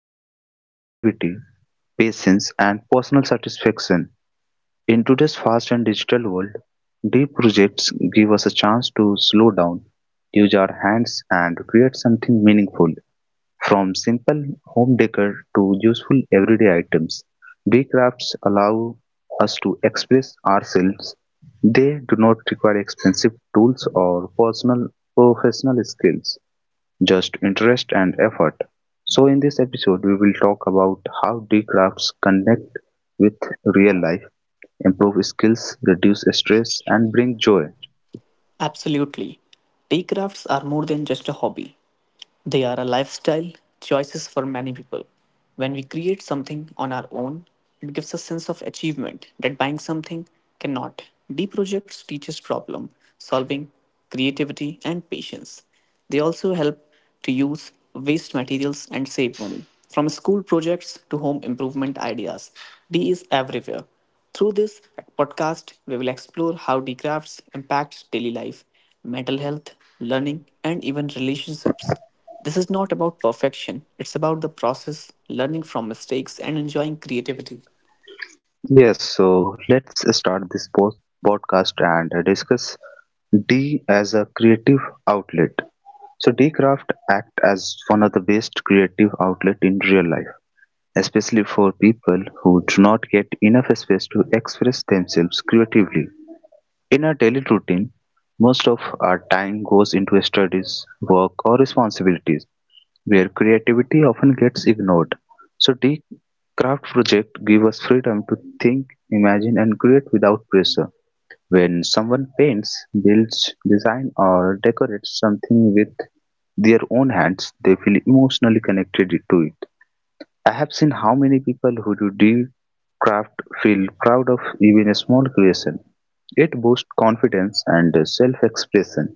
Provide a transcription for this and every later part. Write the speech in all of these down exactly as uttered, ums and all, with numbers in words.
it is about creativity, patience, and personal satisfaction. In today's fast and digital world, D projects give us a chance to slow down, use our hands, and create something meaningful. From simple home decor to useful everyday items, big crafts allow us to express ourselves. They do not require expensive tools or personal professional skills, just interest and effort. So in this episode we will talk about how D crafts connect with real life, improve skills, reduce stress and bring joy. Absolutely. Tea crafts are more than just a hobby. They are a lifestyle choices for many people. When we create something on our own, it gives a sense of achievement that buying something cannot. D projects teaches problem solving, creativity, and patience. They also help to use waste materials and save money. From school projects to home improvement ideas, D is everywhere. Through this podcast, we will explore how D crafts impacts daily life, mental health, learning, and even relationships. This is not about perfection, it's about the process, learning from mistakes, and enjoying creativity. Yes, so let's start this po- podcast and discuss D as a creative outlet. So D craft act as one of the best creative outlet in real life, especially for people who do not get enough space to express themselves creatively. In our daily routine, most of our time goes into studies, work, or responsibilities. Where creativity often gets ignored, so the craft project give us freedom to think, imagine and create without pressure. When someone paints, builds, designs or decorates something with their own hands, they feel emotionally connected to it. I have seen how many people who do deep craft feel proud of even a small creation. It boosts confidence and self expression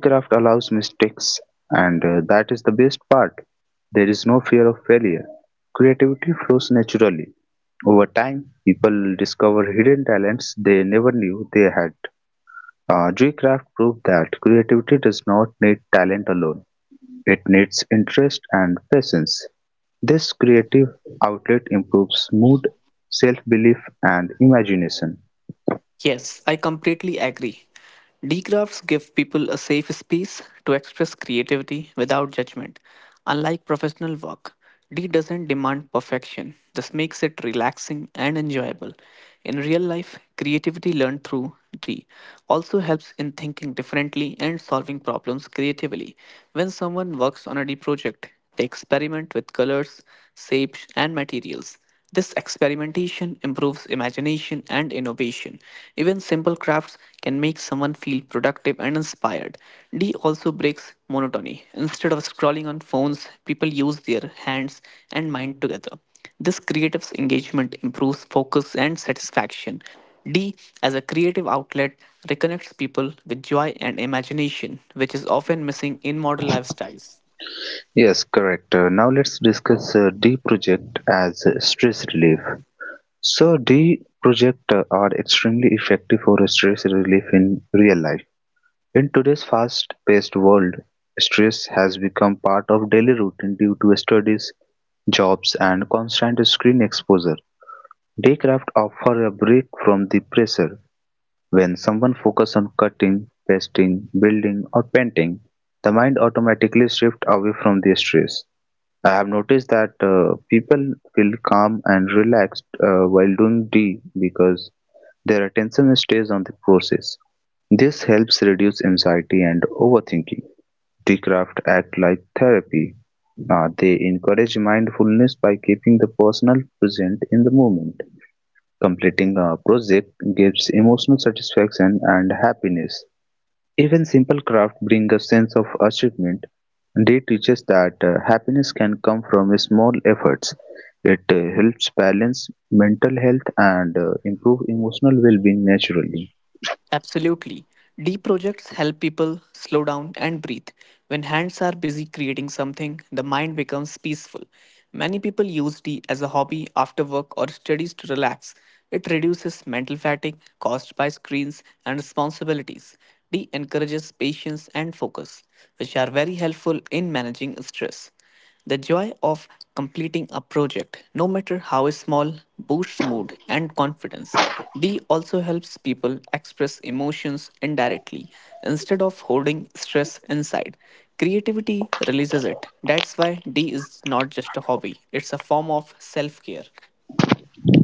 craft allows mistakes and uh, that is the best part. There is no fear of failure. Creativity flows naturally. Over time, people discover hidden talents they never knew they had. Uh, Craft proved that creativity does not need talent alone. It needs interest and patience. This creative outlet improves mood, self-belief and imagination. Yes, I completely agree. Decrafts give people a safe space to express creativity without judgment. Unlike professional work, D doesn't demand perfection. This makes it relaxing and enjoyable. In real life, creativity learned through D also helps in thinking differently and solving problems creatively. When someone works on a D project, they experiment with colors, shapes, and materials. This experimentation improves imagination and innovation. Even simple crafts can make someone feel productive and inspired. D also breaks monotony. Instead of scrolling on phones, people use their hands and mind together. This creative engagement improves focus and satisfaction. D, as a creative outlet, reconnects people with joy and imagination, which is often missing in modern lifestyles. Yes, correct. Uh, now let's discuss uh, D project as uh, stress relief. So D-projectors are extremely effective for stress relief in real life. In today's fast-paced world, stress has become part of daily routine due to studies, jobs, and constant screen exposure. Daycraft offer a break from the pressure. When someone focuses on cutting, pasting, building, or painting, the mind automatically shifts away from the stress. I have noticed that uh, people feel calm and relaxed uh, while doing D because their attention stays on the process. This helps reduce anxiety and overthinking. D craft act like therapy. Uh, they encourage mindfulness by keeping the personal present in the moment. Completing a project gives emotional satisfaction and happiness. Even simple crafts bring a sense of achievement. Day teaches that uh, happiness can come from small efforts. It uh, helps balance mental health and uh, improve emotional well-being naturally. Absolutely. Deep projects help people slow down and breathe. When hands are busy creating something, the mind becomes peaceful. Many people use tea as a hobby after work or studies to relax. It reduces mental fatigue caused by screens and responsibilities. Tea encourages patience and focus, which are very helpful in managing stress. The joy of completing a project, no matter how small, boosts mood and confidence. D also helps people express emotions indirectly instead of holding stress inside. Creativity releases it. That's why D is not just a hobby, it's a form of self care.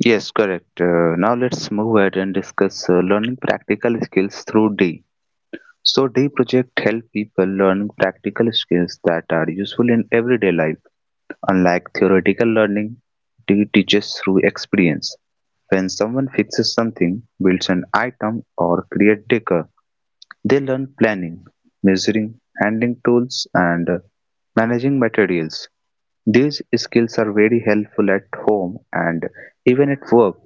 Yes, correct. Uh, now let's move ahead and discuss uh, learning practical skills through D. So D project help people learn practical skills that are useful in everyday life. Unlike theoretical learning, it teaches through experience. When someone fixes something, builds an item, or creates decor, they learn planning, measuring, handling tools, and uh, managing materials. These skills are very helpful at home and even at work.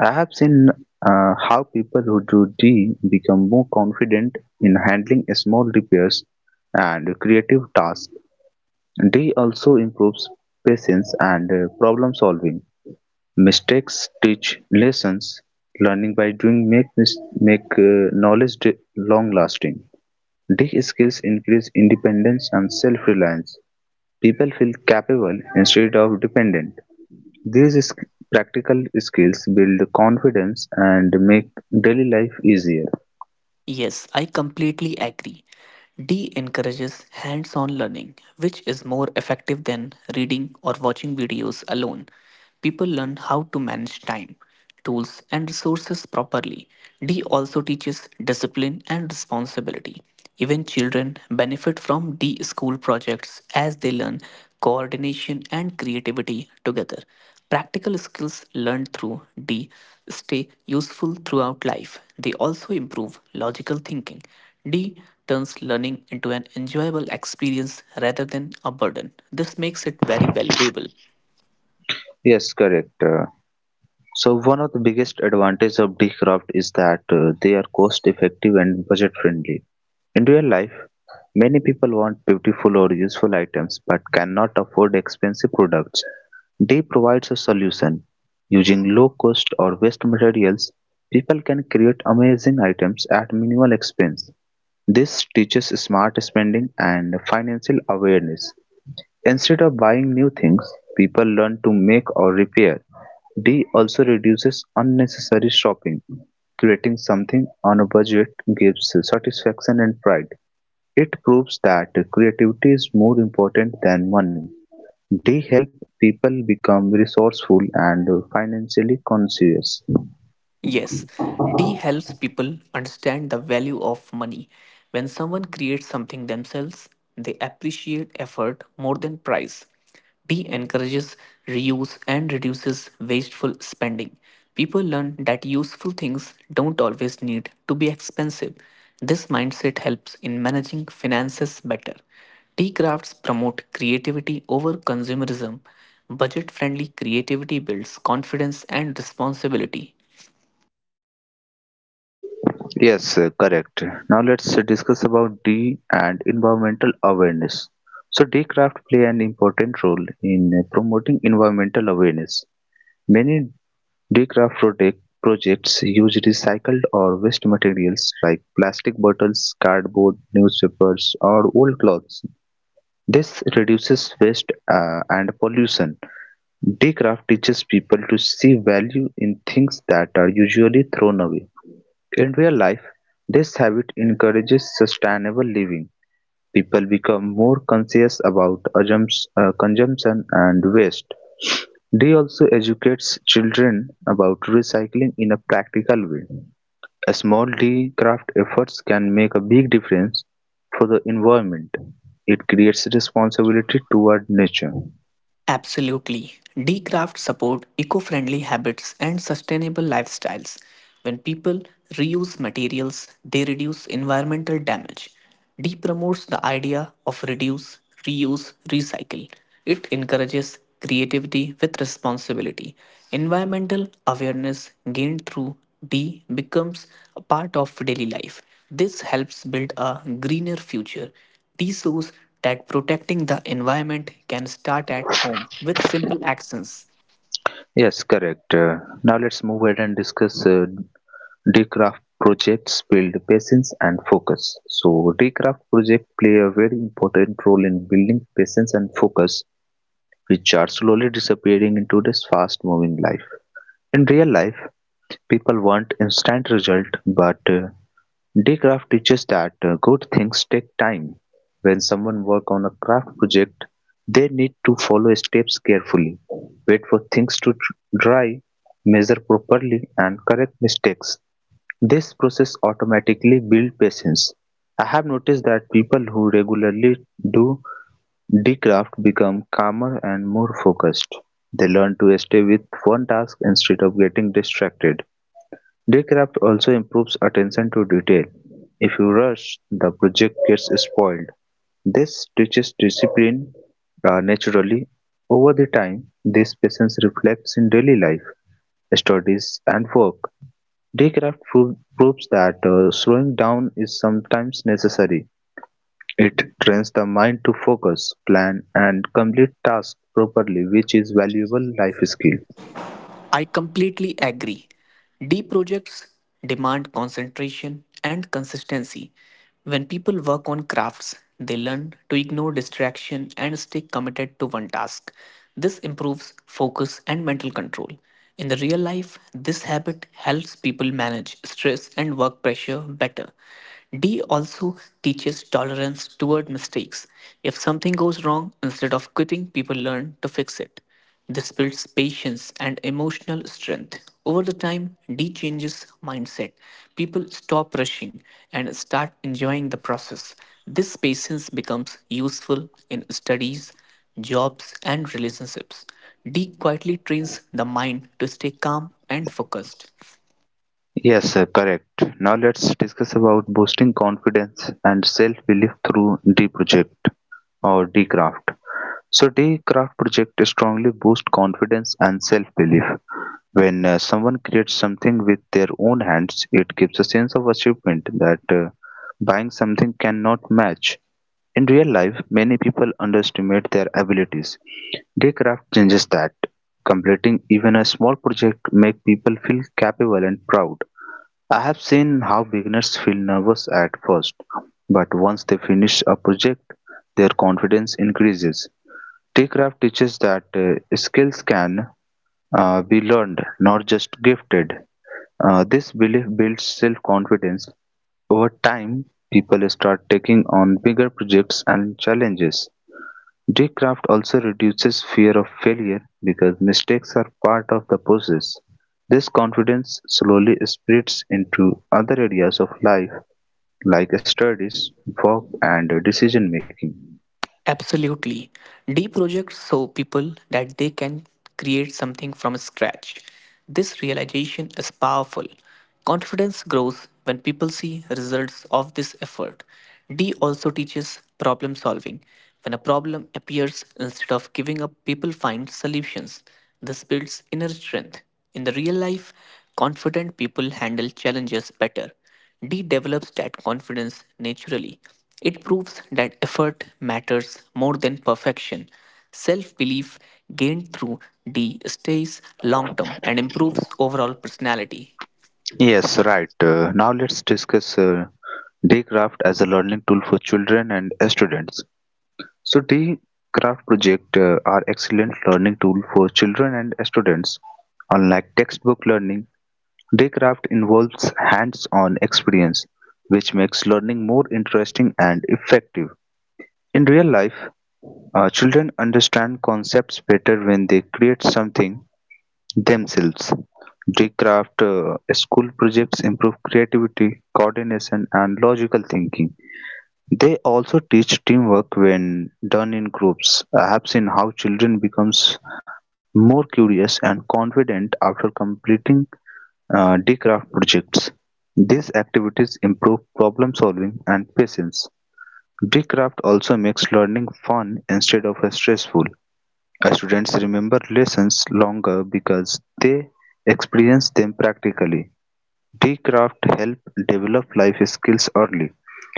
I have seen uh, how people who do D become more confident in handling small repairs and creative tasks D also improves patience and uh, problem solving. Mistakes teach lessons. Learning by doing make mis- make uh, knowledge long lasting. D skills increase independence and self reliance. People feel capable instead of dependent. These sk- Practical skills build confidence and make daily life easier. Yes, I completely agree. D encourages hands on learning, which is more effective than reading or watching videos alone. People learn how to manage time, tools, and resources properly. D also teaches discipline and responsibility. Even children benefit from D school projects as they learn coordination and creativity together. Practical skills learned through D stay useful throughout life. They also improve logical thinking. D turns learning into an enjoyable experience rather than a burden. This makes it very valuable. Yes, correct. Uh, So one of the biggest advantages of Decraft is that uh, they are cost effective and budget friendly. In real life, many people want beautiful or useful items but cannot afford expensive products. They provides a solution. Using low cost or waste materials, people can create amazing items at minimal expense. This teaches smart spending and financial awareness. Instead of buying new things people learn to make or repair. D also reduces unnecessary shopping. Creating something on a budget gives satisfaction and pride. It proves that creativity is more important than money. D help people become resourceful and financially conscious. Yes, D helps people understand the value of money. When someone creates something themselves, they appreciate effort more than price. D encourages reuse and reduces wasteful spending. People learn that useful things don't always need to be expensive. This mindset helps in managing finances better. D crafts promote creativity over consumerism. Budget friendly creativity builds confidence and responsibility. Yes, uh, correct. Now let's uh, discuss about D and environmental awareness. So D craft play an important role in uh, promoting environmental awareness. Many D craft project, projects use recycled or waste materials like plastic bottles, cardboard, newspapers, or old clothes. This reduces waste uh, and pollution. D craft teaches people to see value in things that are usually thrown away. In real life, this habit encourages sustainable living. People become more conscious about assums- uh, consumption and waste. They also educates children about recycling in a practical way. A small D craft efforts can make a big difference for the environment. It creates responsibility toward nature. Absolutely. Decraft support eco-friendly habits and sustainable lifestyles. When people reuse materials, they reduce environmental damage. D promotes the idea of reduce, reuse, recycle. It encourages creativity with responsibility. Environmental awareness gained through D becomes a part of daily life. This helps build a greener future. This shows that protecting the environment can start at home with simple actions. Yes, correct. Uh, now let's move ahead and discuss uh, Decraft projects build patience and focus. So Decraft project play a very important role in building patience and focus, which are slowly disappearing into this fast-moving life. In real life, people want instant result, but uh, Decraft teaches that uh, good things take time. When someone work on a craft project, they need to follow steps carefully, wait for things to dry, measure properly, and correct mistakes. This process automatically builds patience. I have noticed that people who regularly do decraft become calmer and more focused. They learn to stay with one task instead of getting distracted. Decraft also improves attention to detail. If you rush, the project gets spoiled. This teaches discipline uh, naturally. Over the time, this patience reflects in daily life, studies, and work. Daycraft pro- proves that uh, slowing down is sometimes necessary. It trains the mind to focus, plan, and complete tasks properly which is valuable life skill. I completely agree. Deep projects demand concentration and consistency. When people work on crafts, they learn to ignore distraction and stay committed to one task. This improves focus and mental control. In the real life, this habit helps people manage stress and work pressure better. D also teaches tolerance toward mistakes. If something goes wrong, instead of quitting, people learn to fix it. This builds patience and emotional strength. Over the time, D changes mindset. People stop rushing and start enjoying the process. This patience becomes useful in studies, jobs, and relationships. D quietly trains the mind to stay calm and focused. Yes, uh, correct. Now let's discuss about boosting confidence and self-belief through D project. Or Dcraft. So Dcraft project strongly boosts confidence and self-belief. When uh, someone creates something with their own hands, it gives a sense of achievement that uh, buying something cannot match. In real life, many people underestimate their abilities. Daycraft changes that. Completing even a small project make people feel capable and proud. I have seen how beginners feel nervous at first, but once they finish a project, their confidence increases. T-Craft teaches that uh, skills can uh, be learned, not just gifted. Uh, this belief builds self-confidence. Over time, people start taking on bigger projects and challenges. Daycraft also reduces fear of failure because mistakes are part of the process. This confidence slowly spreads into other areas of life like studies, work, and decision making. Absolutely. Deep projects show people that they can create something from scratch. This realization is powerful. Confidence grows when people see results of this effort. D also teaches problem solving. When a problem appears, instead of giving up, people find solutions. This builds inner strength. In the real life, confident people handle challenges better. D develops that confidence naturally. It proves that effort matters more than perfection. Self belief gained through D stays long term and improves overall personality. Yes, right. Uh, now let's discuss uh, Daycraft as a learning tool for children and students. So Daycraft project uh, are excellent learning tool for children and students. Unlike textbook learning, Daycraft involves hands-on experience, which makes learning more interesting and effective. In real life, uh, children understand concepts better when they create something themselves. Daycraft uh, school projects improve creativity, coordination, and logical thinking. They also teach teamwork when done in groups. I have seen how children becomes more curious and confident after completing uh, D craft projects. These activities improve problem solving and patience. D craft also makes learning fun instead of stressful. Students remember lessons longer because they experience them practically. D craft help develop life skills early,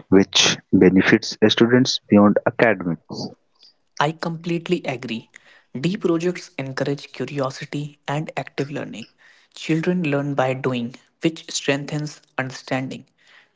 which benefits students beyond academics. I completely agree. D projects encourage curiosity and active learning. Children learn by doing, which strengthens understanding.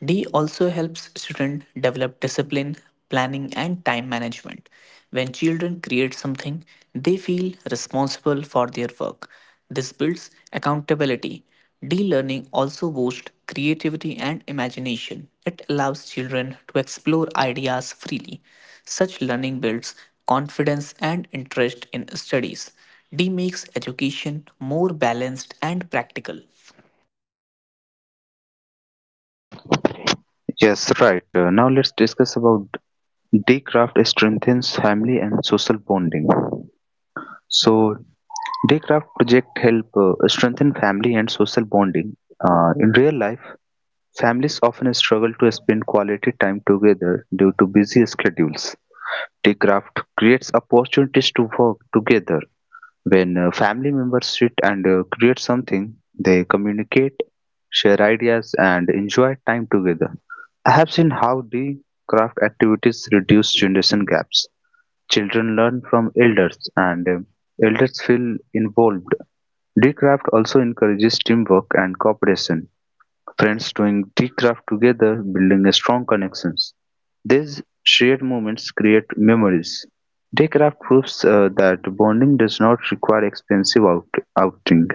D also helps students develop discipline, planning, and time management. When children create something, they feel responsible for their work. This builds accountability. D-learning also boosts creativity and imagination. It allows children to explore ideas freely. Such learning builds confidence and interest in studies. D makes education more balanced and practical. Yes, right. Uh, now let's discuss about D craft strengthens family and social bonding. So Daycraft projects help uh, strengthen family and social bonding. Uh, in real life, families often struggle to spend quality time together due to busy schedules. Daycraft creates opportunities to work together. When uh, family members sit and uh, create something, they communicate, share ideas, and enjoy time together. I have seen how the craft activities reduce generation gaps. Children learn from elders, and um, elders feel involved Decraft also encourages teamwork and cooperation, friends doing Decraft together building strong connections. These shared moments create memories. Decraft proves uh, that bonding does not require expensive out- outing.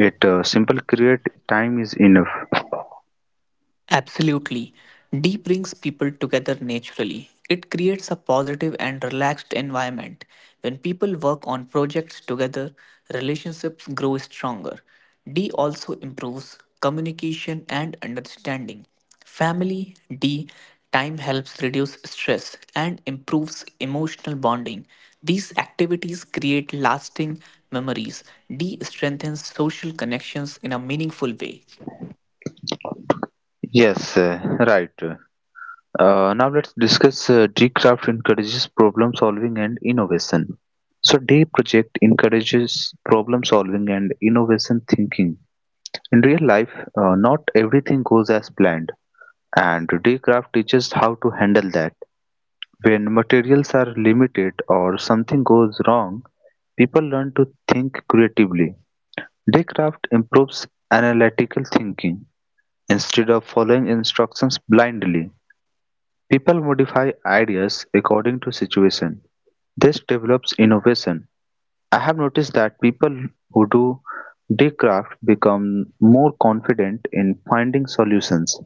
It uh, simple create time is enough. Absolutely. D brings people together naturally. It creates a positive and relaxed environment. When people work on projects together, relationships grow stronger. D also improves communication and understanding. Family D time helps reduce stress and improves emotional bonding. These activities create lasting memories. D strengthens social connections in a meaningful way. Yes, uh, right. Uh, now let's discuss uh, Decraft encourages problem solving and innovation. So, D project encourages problem solving and innovation thinking. In real life, uh, not everything goes as planned, and Daycraft teaches how to handle that. When materials are limited or something goes wrong, people learn to think creatively. Daycraft improves analytical thinking. Instead of following instructions blindly, people modify ideas according to situation. This develops innovation. I have noticed that people who do Daycraft become more confident in finding solutions.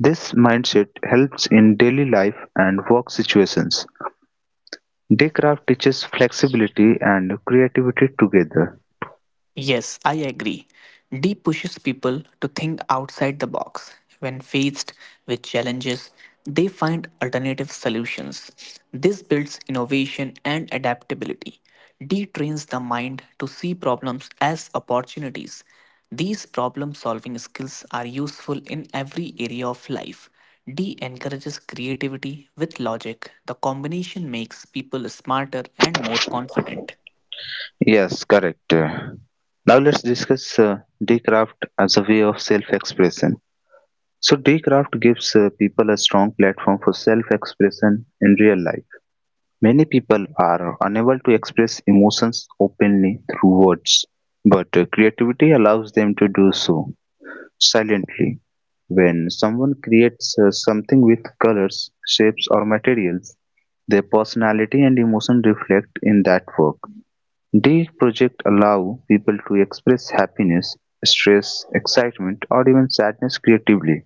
This mindset helps in daily life and work situations. Daycraft teaches flexibility and creativity together. Yes, I agree. D pushes people to think outside the box. When faced with challenges, they find alternative solutions. This builds innovation and adaptability. D trains the mind to see problems as opportunities. These problem solving skills are useful in every area of life. D encourages creativity with logic. The combination makes people smarter and more confident. Yes, correct. Now let's discuss uh, Daycraft as a way of self-expression. So Daycraft gives uh, people a strong platform for self-expression in real life. Many people are unable to express emotions openly through words, but uh, creativity allows them to do so silently, when someone creates uh, something with colors, shapes, or materials, their personality and emotion reflect in that work. These projects allow people to express happiness, stress, excitement, or even sadness creatively.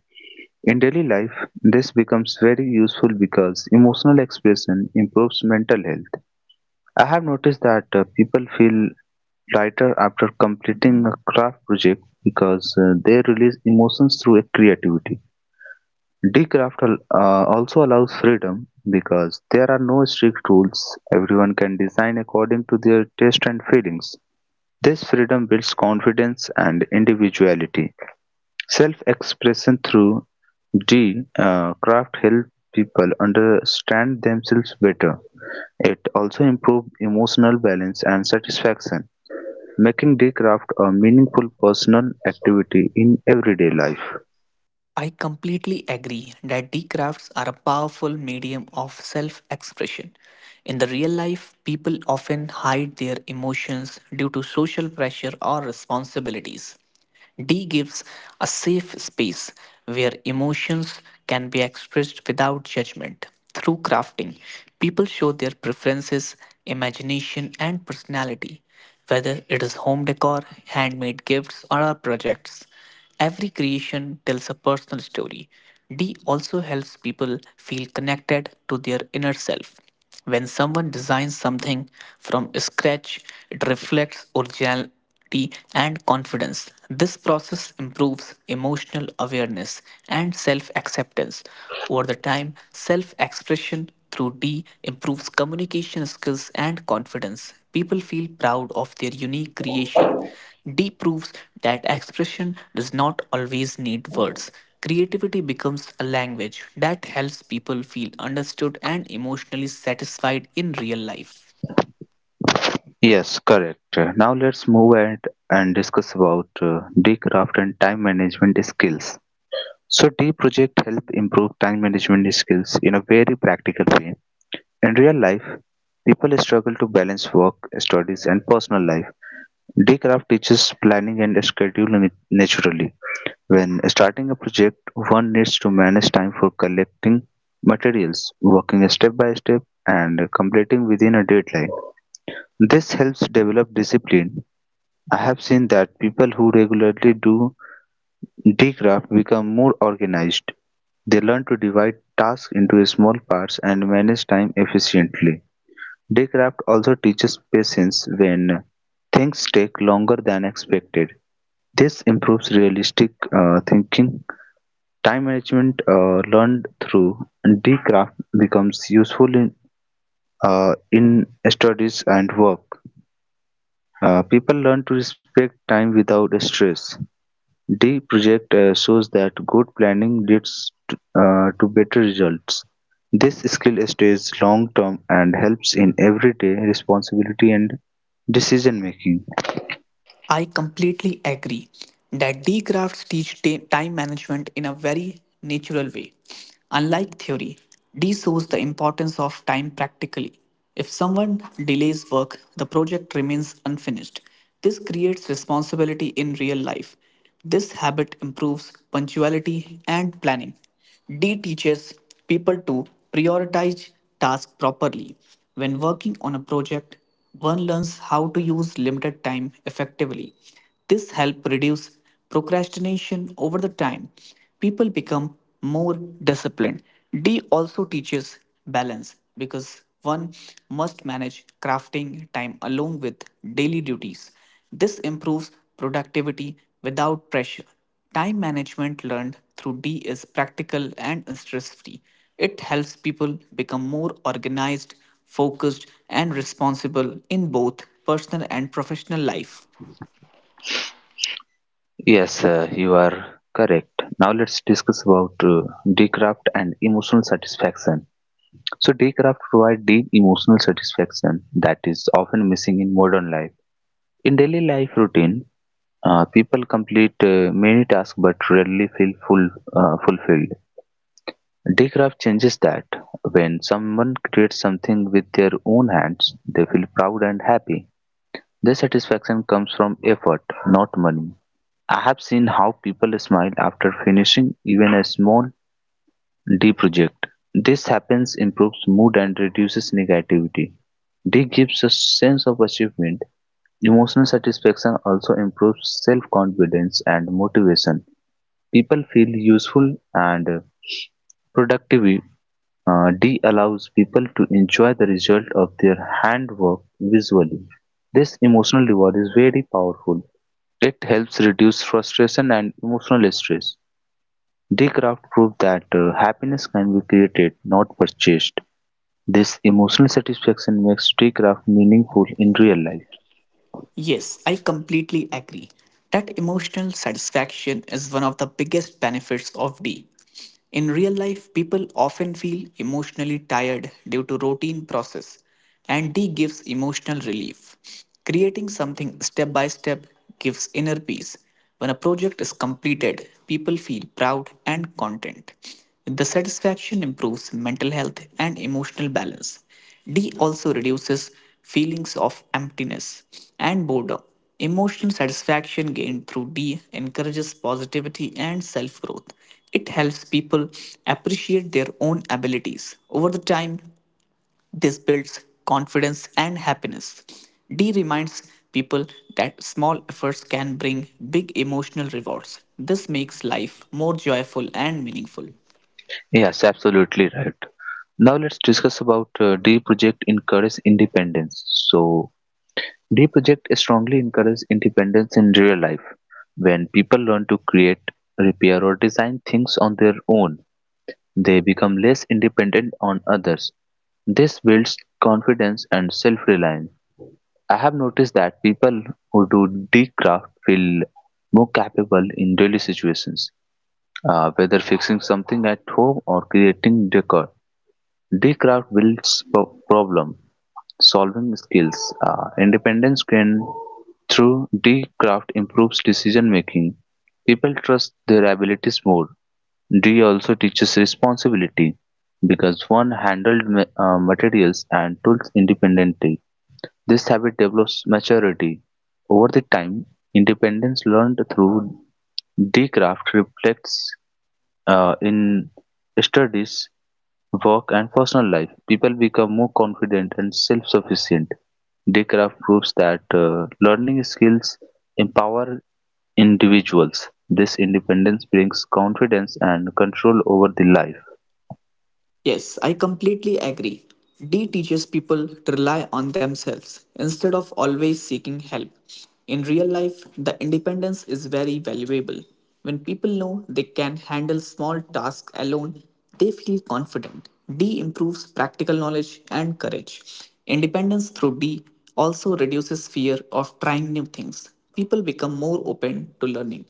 In daily life, this becomes very useful because emotional expression improves mental health. I have noticed that uh, people feel lighter after completing a craft project because uh, they release emotions through a creativity. Decraft al- uh, also allows freedom because there are no strict rules. Everyone can design according to their taste and feelings. This freedom builds confidence and individuality. Self-expression through D uh, craft help people understand themselves better. It also improved emotional balance and satisfaction, making daycraft a meaningful personal activity in everyday life. I completely agree that the crafts are a powerful medium of self expression. In the real life, people often hide their emotions due to social pressure or responsibilities. D gives a safe space where emotions can be expressed without judgment. Through crafting, people show their preferences, imagination, and personality, whether it is home decor, handmade gifts, or our projects. Every creation tells a personal story. D also helps people feel connected to their inner self. When someone designs something from scratch, it reflects originality and confidence. This process improves emotional awareness and self acceptance. Over the time, self expression through D improves communication skills and confidence. People feel proud of their unique creation. D proves that expression does not always need words. Creativity becomes a language that helps people feel understood and emotionally satisfied in real life. Yes, correct. Now let's move ahead and discuss about uh, the and time management skills. So the project help improve time management skills in a very practical way. In real life, people struggle to balance work, studies, and personal life. Daycraft teaches planning and scheduling naturally. When starting a project, one needs to manage time for collecting materials, working step by step, and completing within a deadline. This helps develop discipline. I have seen that people who regularly do decraft become more organized. They learn to divide tasks into small parts and manage time efficiently. Decraft also teaches patience when things take longer than expected. This improves realistic uh, thinking. Time management uh, learned through Dcraft becomes useful in uh, in studies and work. Uh, people learn to respect time without stress. The project uh, shows that good planning leads to, uh, to better results. This skill stays long term and helps in everyday responsibility and decision making. I completely agree that D graphs teach ta- time management in a very natural way. Unlike theory, D shows the importance of time practically. If someone delays work, the project remains unfinished. This creates responsibility in real life. This habit improves punctuality and planning. D teaches people to prioritize tasks properly. When working on a project, one learns how to use limited time effectively. This helps reduce procrastination over the time. People become more disciplined. D also teaches balance because one must manage crafting time along with daily duties. This improves productivity without pressure. Time management learned through D is practical and stress free. It helps people become more organized, focused, and responsible in both personal and professional life. Yes, uh, you are correct. Now let's discuss about uh, Dcraft and emotional satisfaction. So Daycraft provide deep emotional satisfaction that is often missing in modern life. In daily life routine, uh, people complete uh, many tasks but rarely feel full, uh, fulfilled. Daycraft changes that. When someone creates something with their own hands, they feel proud and happy. Their satisfaction comes from effort, not money. I have seen how people smile after finishing even a small Deproject. This happens improves mood and reduces negativity. D gives a sense of achievement. Emotional satisfaction also improves self-confidence and motivation. People feel useful and uh, productive. Uh, D allows people to enjoy the result of their handwork visually. This emotional reward is very powerful. It helps reduce frustration and emotional stress. D craft proved that uh, happiness can be created, not purchased. This emotional satisfaction makes D-craft meaningful in real life. Yes, I completely agree. That emotional satisfaction is one of the biggest benefits of D. In real life, people often feel emotionally tired due to routine process, and D gives emotional relief. Creating something step by step gives inner peace. When a project is completed, people feel proud and content. The satisfaction improves mental health and emotional balance. D also reduces feelings of emptiness and boredom. Emotional satisfaction gained through D encourages positivity and self growth. It helps people appreciate their own abilities. Over the time, this builds confidence and happiness. D reminds people that small efforts can bring big emotional rewards. This makes life more joyful and meaningful. Yes, absolutely right. Now let's discuss about uh, D project encourage independence. So D project strongly encourage independence in real life. When people learn to create, repair or design things on their own, they become less dependent on others. This builds confidence and self-reliance. I have noticed that people who do D craft feel more capable in daily situations. Uh, whether fixing something at home or creating decor, decraft builds pro- problem solving skills. Uh, independence gained through decraft improves decision making. People trust their abilities more. D also teaches responsibility because one handled ma- uh, materials and tools independently. This habit develops maturity. Over the time, independence learned through decraft reflects uh, in studies, work, and personal life, people become more confident and self sufficient. Daycraft proves that uh, learning skills empower individuals. This independence brings confidence and control over the life. Yes, I completely agree. D teaches people to rely on themselves instead of always seeking help. In real life, the independence is very valuable. When people know they can handle small tasks alone, they feel confident. D improves practical knowledge and courage. Independence through D also reduces fear of trying new things. People become more open to learning.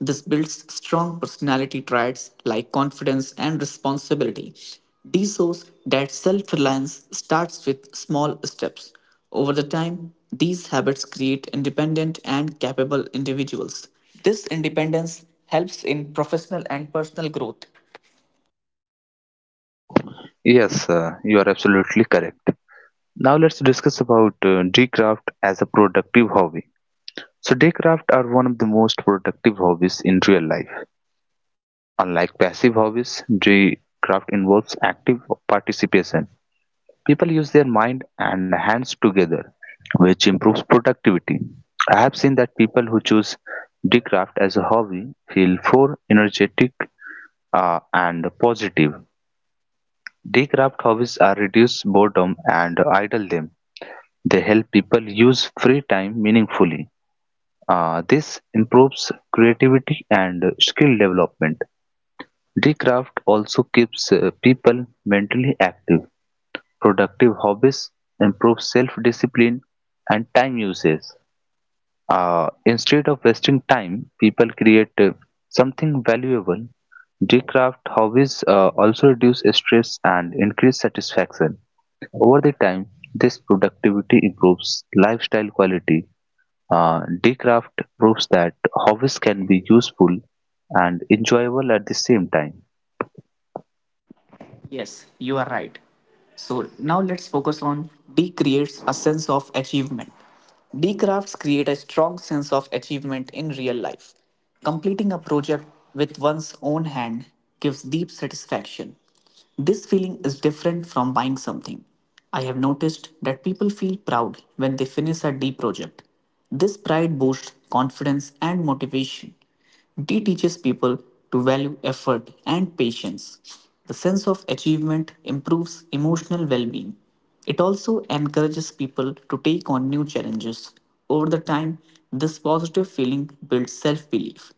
This builds strong personality traits like confidence and responsibility. This shows that self reliance starts with small steps. Over the time, these habits create independent and capable individuals. This independence helps in professional and personal growth. Yes, uh, you are absolutely correct. Now let's discuss about uh, Daycraft as a productive hobby. So, Daycraft are one of the most productive hobbies in real life. Unlike passive hobbies, dree-craft involves active participation. People use their mind and hands together, which improves productivity. I have seen that people who choose dree-craft as a hobby feel more energetic uh, and positive. Dree-craft hobbies are reduce boredom and idle them. They help people use free time meaningfully. Uh, this improves creativity and skill development. The craft also keeps uh, people mentally active, productive hobbies improve self-discipline and time usage. Uh, instead of wasting time, people create uh, something valuable. The craft hobbies uh, also reduce stress and increase satisfaction. Over the time, this productivity improves lifestyle quality. Uh, Decraft proves that hobbies can be useful and enjoyable at the same time. Yes, you are right. So now let's focus on D creates a sense of achievement. D crafts create a strong sense of achievement in real life. Completing a project with one's own hand gives deep satisfaction. This feeling is different from buying something. I have noticed that people feel proud when they finish a D project. This pride boosts confidence and motivation. D teaches people to value effort and patience. The sense of achievement improves emotional well being. It also encourages people to take on new challenges. Over the time, this positive feeling builds self belief.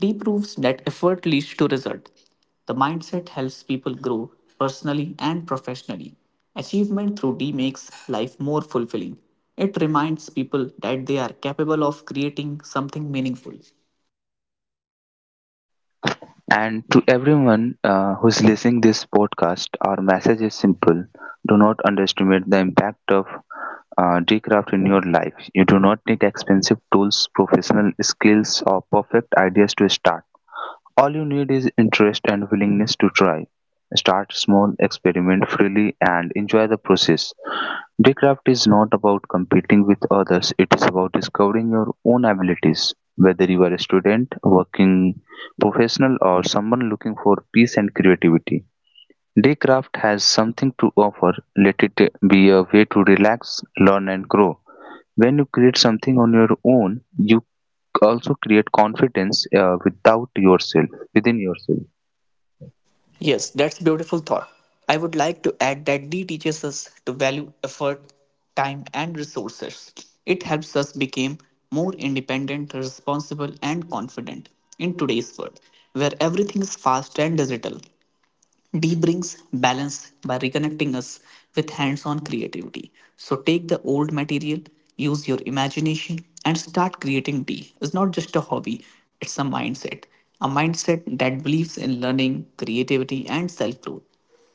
D proves that effort leads to result. The mindset helps people grow personally and professionally. Achievement through D makes life more fulfilling. It reminds people that they are capable of creating something meaningful. And to everyone uh, who's listening this podcast, our message is simple: do not underestimate the impact of uh, Decraft in your life. You do not need expensive tools, professional skills, or perfect ideas to start. All you need is interest and willingness to try. Start small, experiment freely, and enjoy the process. Decraft is not about competing with others, it is about discovering your own abilities. Whether you are a student, working professional, or someone looking for peace and creativity, Decraft has something to offer. Let it be a way to relax, learn, and grow. When you create something on your own, you also create confidence uh, without yourself, within yourself. Yes, that's beautiful thought. I would like to add that D teaches us to value effort, time and resources. It helps us become more independent, responsible and confident in today's world where everything is fast and digital. D brings balance by reconnecting us with hands on creativity. So take the old material, use your imagination, and start creating D. is not just a hobby, it's a mindset. A mindset that believes in learning, creativity, and self growth.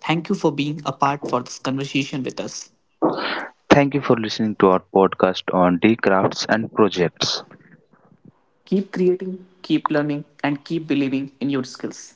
Thank you for being a part for this conversation with us. Thank you for listening to our podcast on decrafts and projects. Keep creating, keep learning, and keep believing in your skills.